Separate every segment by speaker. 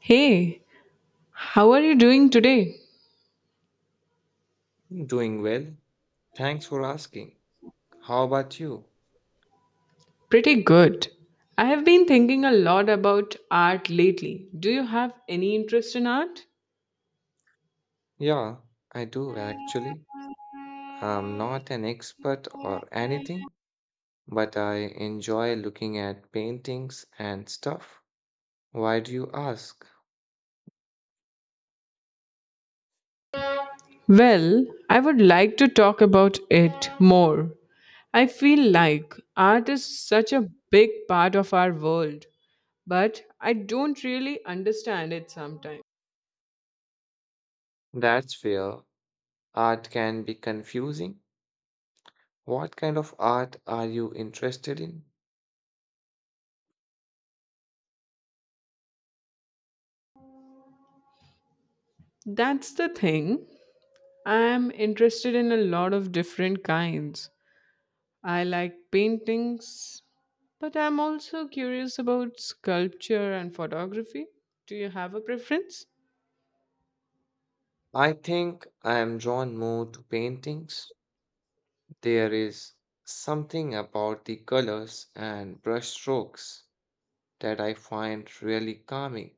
Speaker 1: Hey, how are you doing today?
Speaker 2: Doing well. Thanks for asking. How about you?
Speaker 1: Pretty good. I have been thinking a lot about art lately. Do you have any interest in art?
Speaker 2: Yeah, I do actually. I'm not an expert or anything, but I enjoy looking at paintings and stuff. Why do you ask?
Speaker 1: Well, I would like to talk about it more. I feel like art is such a big part of our world, but I don't really understand it sometimes.
Speaker 2: That's fair. Art can be confusing. What kind of art are you interested in?
Speaker 1: That's the thing. I am interested in a lot of different kinds. I like paintings, but I'm also curious about sculpture and photography. Do you have a preference?
Speaker 2: I think I am drawn more to paintings. There is something about the colors and brushstrokes that I find really calming,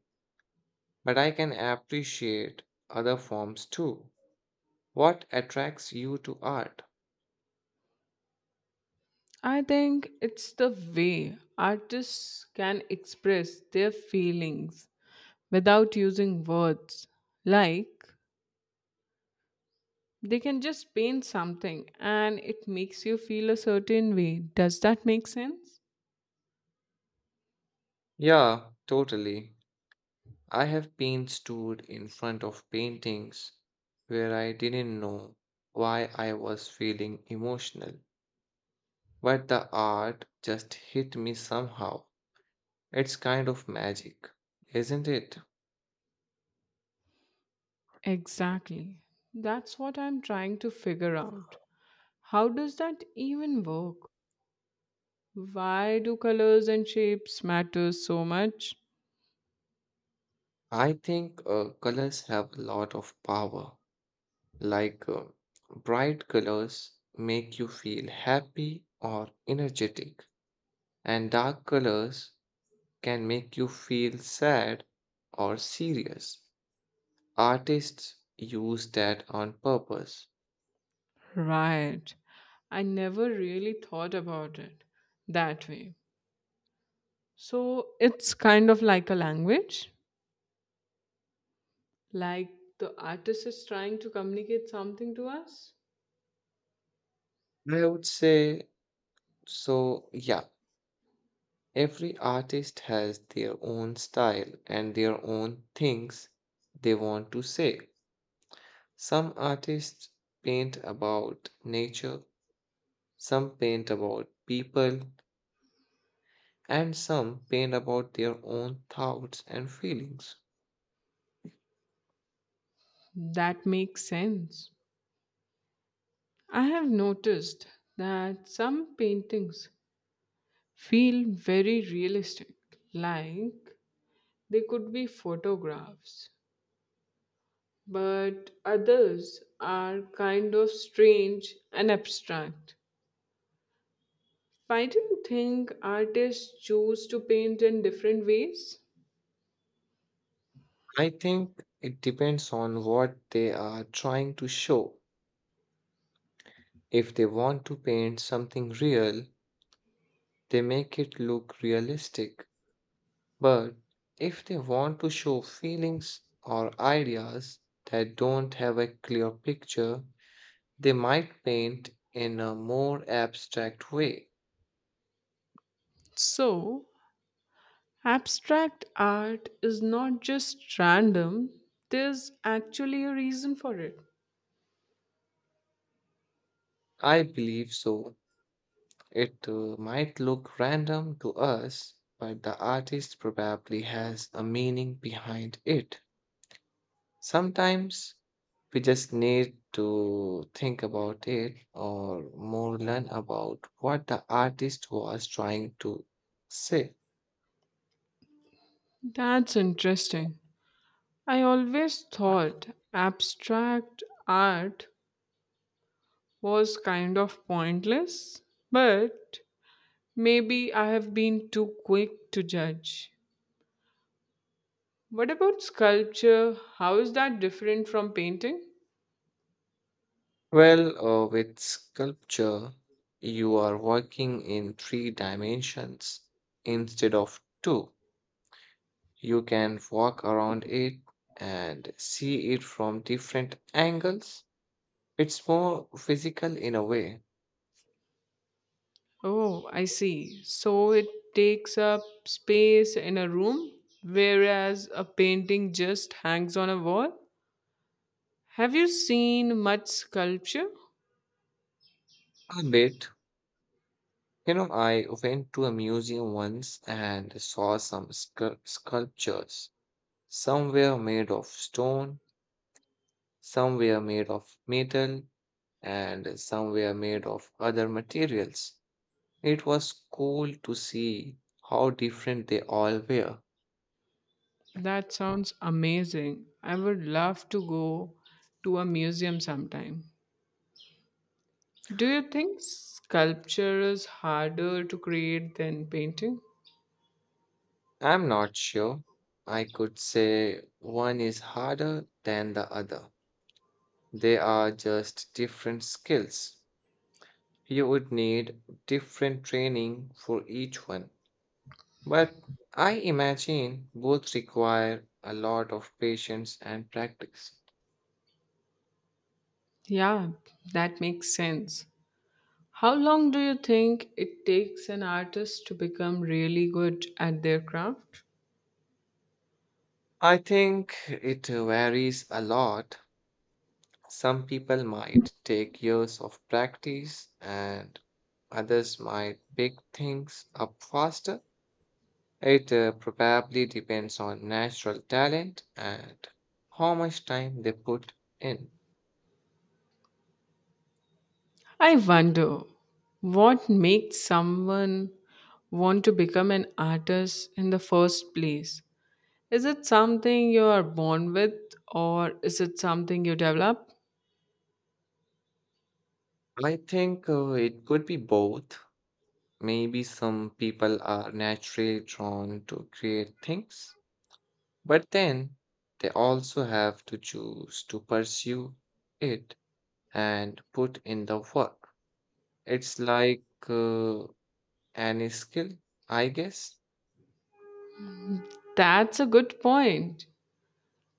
Speaker 2: but I can appreciate other forms too. What attracts you to art?
Speaker 1: I think it's the way artists can express their feelings without using words. Like, they can just paint something and it makes you feel a certain way. Does that make sense?
Speaker 2: Yeah, totally. I have been stood in front of paintings where I didn't know why I was feeling emotional, but the art just hit me somehow. It's kind of magic, isn't it?
Speaker 1: Exactly. That's what I'm trying to figure out. How does that even work? Why do colors and shapes matter so much?
Speaker 2: I think colors have a lot of power. Like, bright colors make you feel happy or energetic, and dark colors can make you feel sad or serious. Artists use that on purpose.
Speaker 1: Right. I never really thought about it that way. So it's kind of like a language, like the artist is trying to communicate something to us.
Speaker 2: I would say so, yeah. Every artist has their own style and their own things they want to say. Some artists paint about nature, some paint about people, and some pain about their own thoughts and feelings.
Speaker 1: That makes sense. I have noticed that some paintings feel very realistic, like they could be photographs but others are kind of strange and abstract. Why do you think artists choose to paint in different ways?
Speaker 2: I think it depends on what they are trying to show. If they want to paint something real, they make it look realistic. But if they want to show feelings or ideas that don't have a clear picture, they might paint in a more abstract way.
Speaker 1: So, abstract art is not just random, there's actually a reason for it.
Speaker 2: I believe so. It might look random to us, but the artist probably has a meaning behind it. Sometimes we just need to think about it or more learn about what the artist was trying to say.
Speaker 1: That's interesting. I always thought abstract art was kind of pointless, but maybe I have been too quick to judge. What about sculpture? How is that different from painting?
Speaker 2: Well, with sculpture, you are working in three dimensions instead of two. You can walk around it and see it from different angles. It's more physical in a way.
Speaker 1: Oh, I see. So it takes up space in a room, whereas a painting just hangs on a wall. Have you seen much sculpture?
Speaker 2: A bit. You know, I went to a museum once and saw some sculptures. Some were made of stone, some were made of metal, and some were made of other materials. It was cool to see how different they all were.
Speaker 1: That sounds amazing. I would love to go to a museum sometime. Do you think sculpture is harder to create than painting?
Speaker 2: I'm not sure. I could say one is harder than the other. They are just different skills. You would need different training for each one. But I imagine both require a lot of patience and practice.
Speaker 1: Yeah, that makes sense. How long do you think it takes an artist to become really good at their craft?
Speaker 2: I think it varies a lot. Some people might take years of practice and others might pick things up faster. It probably depends on natural talent and how much time they put in.
Speaker 1: I wonder what makes someone want to become an artist in the first place? Is it something you are born with or is it something you develop?
Speaker 2: I think it could be both. Maybe some people are naturally drawn to create things, but then they also have to choose to pursue it and put in the work. It's like any skill, I guess.
Speaker 1: That's a good point.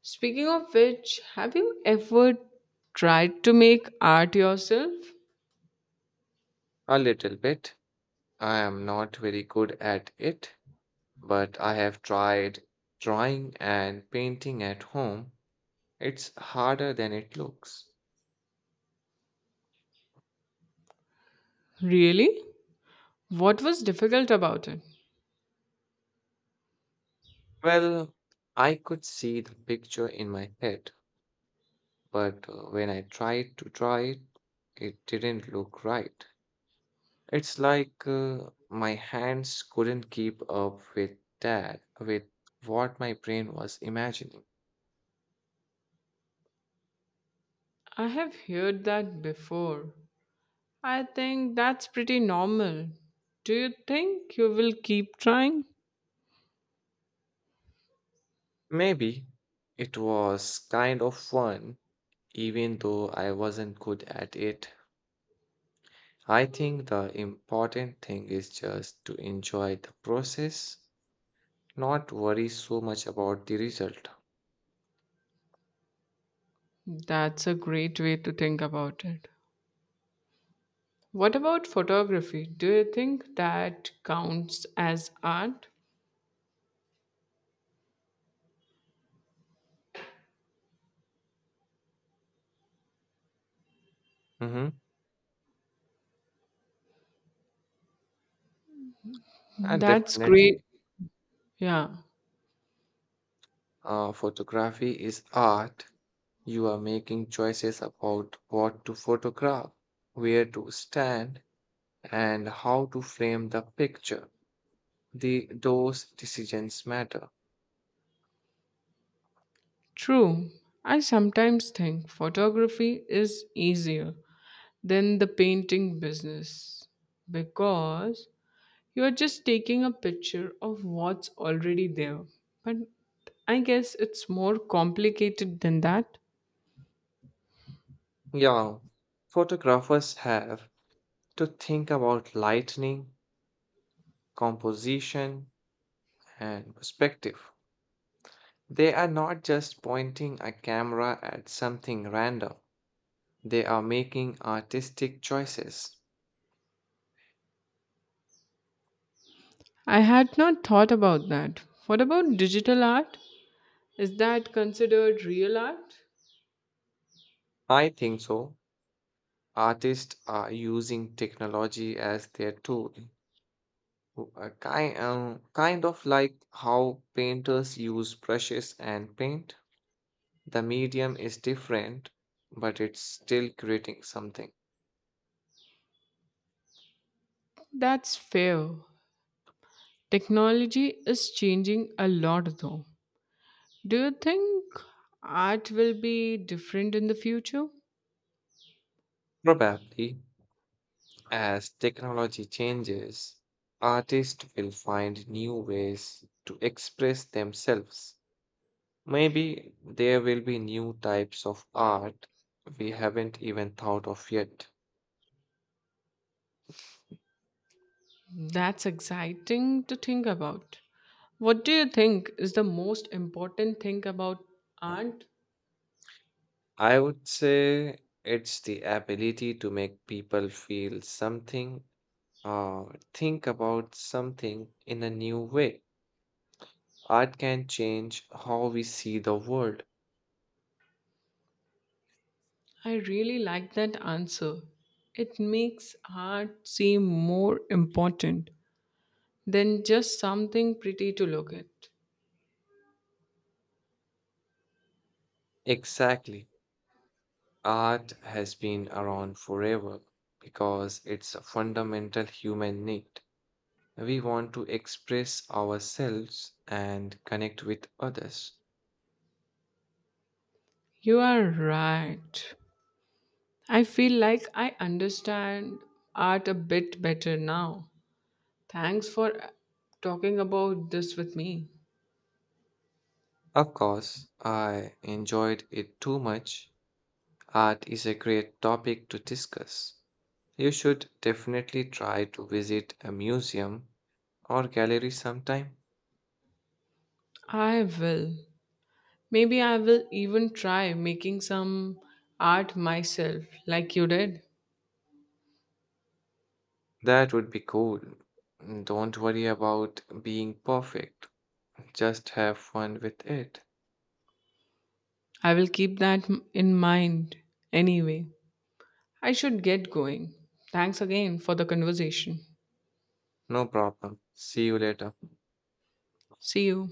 Speaker 1: Speaking of which, have you ever tried to make art yourself?
Speaker 2: A little bit. I am not very good at it, but I have tried drawing and painting at home. It's harder than it looks.
Speaker 1: Really? What was difficult about it?
Speaker 2: Well, I could see the picture in my head, but when I tried to draw it, it didn't look right. It's like my hands couldn't keep up with that, with what my brain was imagining.
Speaker 1: I have heard that before. I think that's pretty normal. Do you think you will keep trying?
Speaker 2: Maybe it was kind of fun, even though I wasn't good at it. I think the important thing is just to enjoy the process, not worry so much about the result.
Speaker 1: That's a great way to think about it. What about photography? Do you think that counts as art?
Speaker 2: hmm And
Speaker 1: That's great.
Speaker 2: definitely,
Speaker 1: Yeah,
Speaker 2: photography is art. You are making choices about what to photograph, where to stand, and how to frame the picture. Those decisions matter.
Speaker 1: true. I sometimes think photography is easier than the painting business because you are just taking a picture of what's already there. But I guess it's more complicated than that.
Speaker 2: Yeah, photographers have to think about lighting, composition, and perspective. They are not just pointing a camera at something random, they are making artistic choices.
Speaker 1: I had not thought about that. What about digital art? Is that considered real art?
Speaker 2: I think so. Artists are using technology as their tool, kind of like how painters use brushes and paint. The medium is different, but it's still creating something.
Speaker 1: That's fair. Technology is changing a lot though. Do you think art will be different in the future?
Speaker 2: Probably, as technology changes, artists will find new ways to express themselves. Maybe there will be new types of art we haven't even thought of yet.
Speaker 1: That's exciting to think about. What do you think is the most important thing about art?
Speaker 2: I would say it's the ability to make people feel something, uh, think about something in a new way. Art can change how we see the world.
Speaker 1: I really like that answer. It makes art seem more important than just something pretty to look at.
Speaker 2: Exactly. Art has been around forever because it's a fundamental human need. We want to express ourselves and connect with others.
Speaker 1: You are right. I feel like I understand art a bit better now. Thanks for talking about this with me.
Speaker 2: Of course, I enjoyed it too much. Art is a great topic to discuss. You should definitely try to visit a museum or gallery sometime.
Speaker 1: I will. Maybe I will even try making some art myself, like you did.
Speaker 2: That would be cool. Don't worry about being perfect, just have fun with it.
Speaker 1: I will keep that in mind anyway. I should get going. Thanks again for the conversation.
Speaker 2: No problem. See you later.
Speaker 1: See you.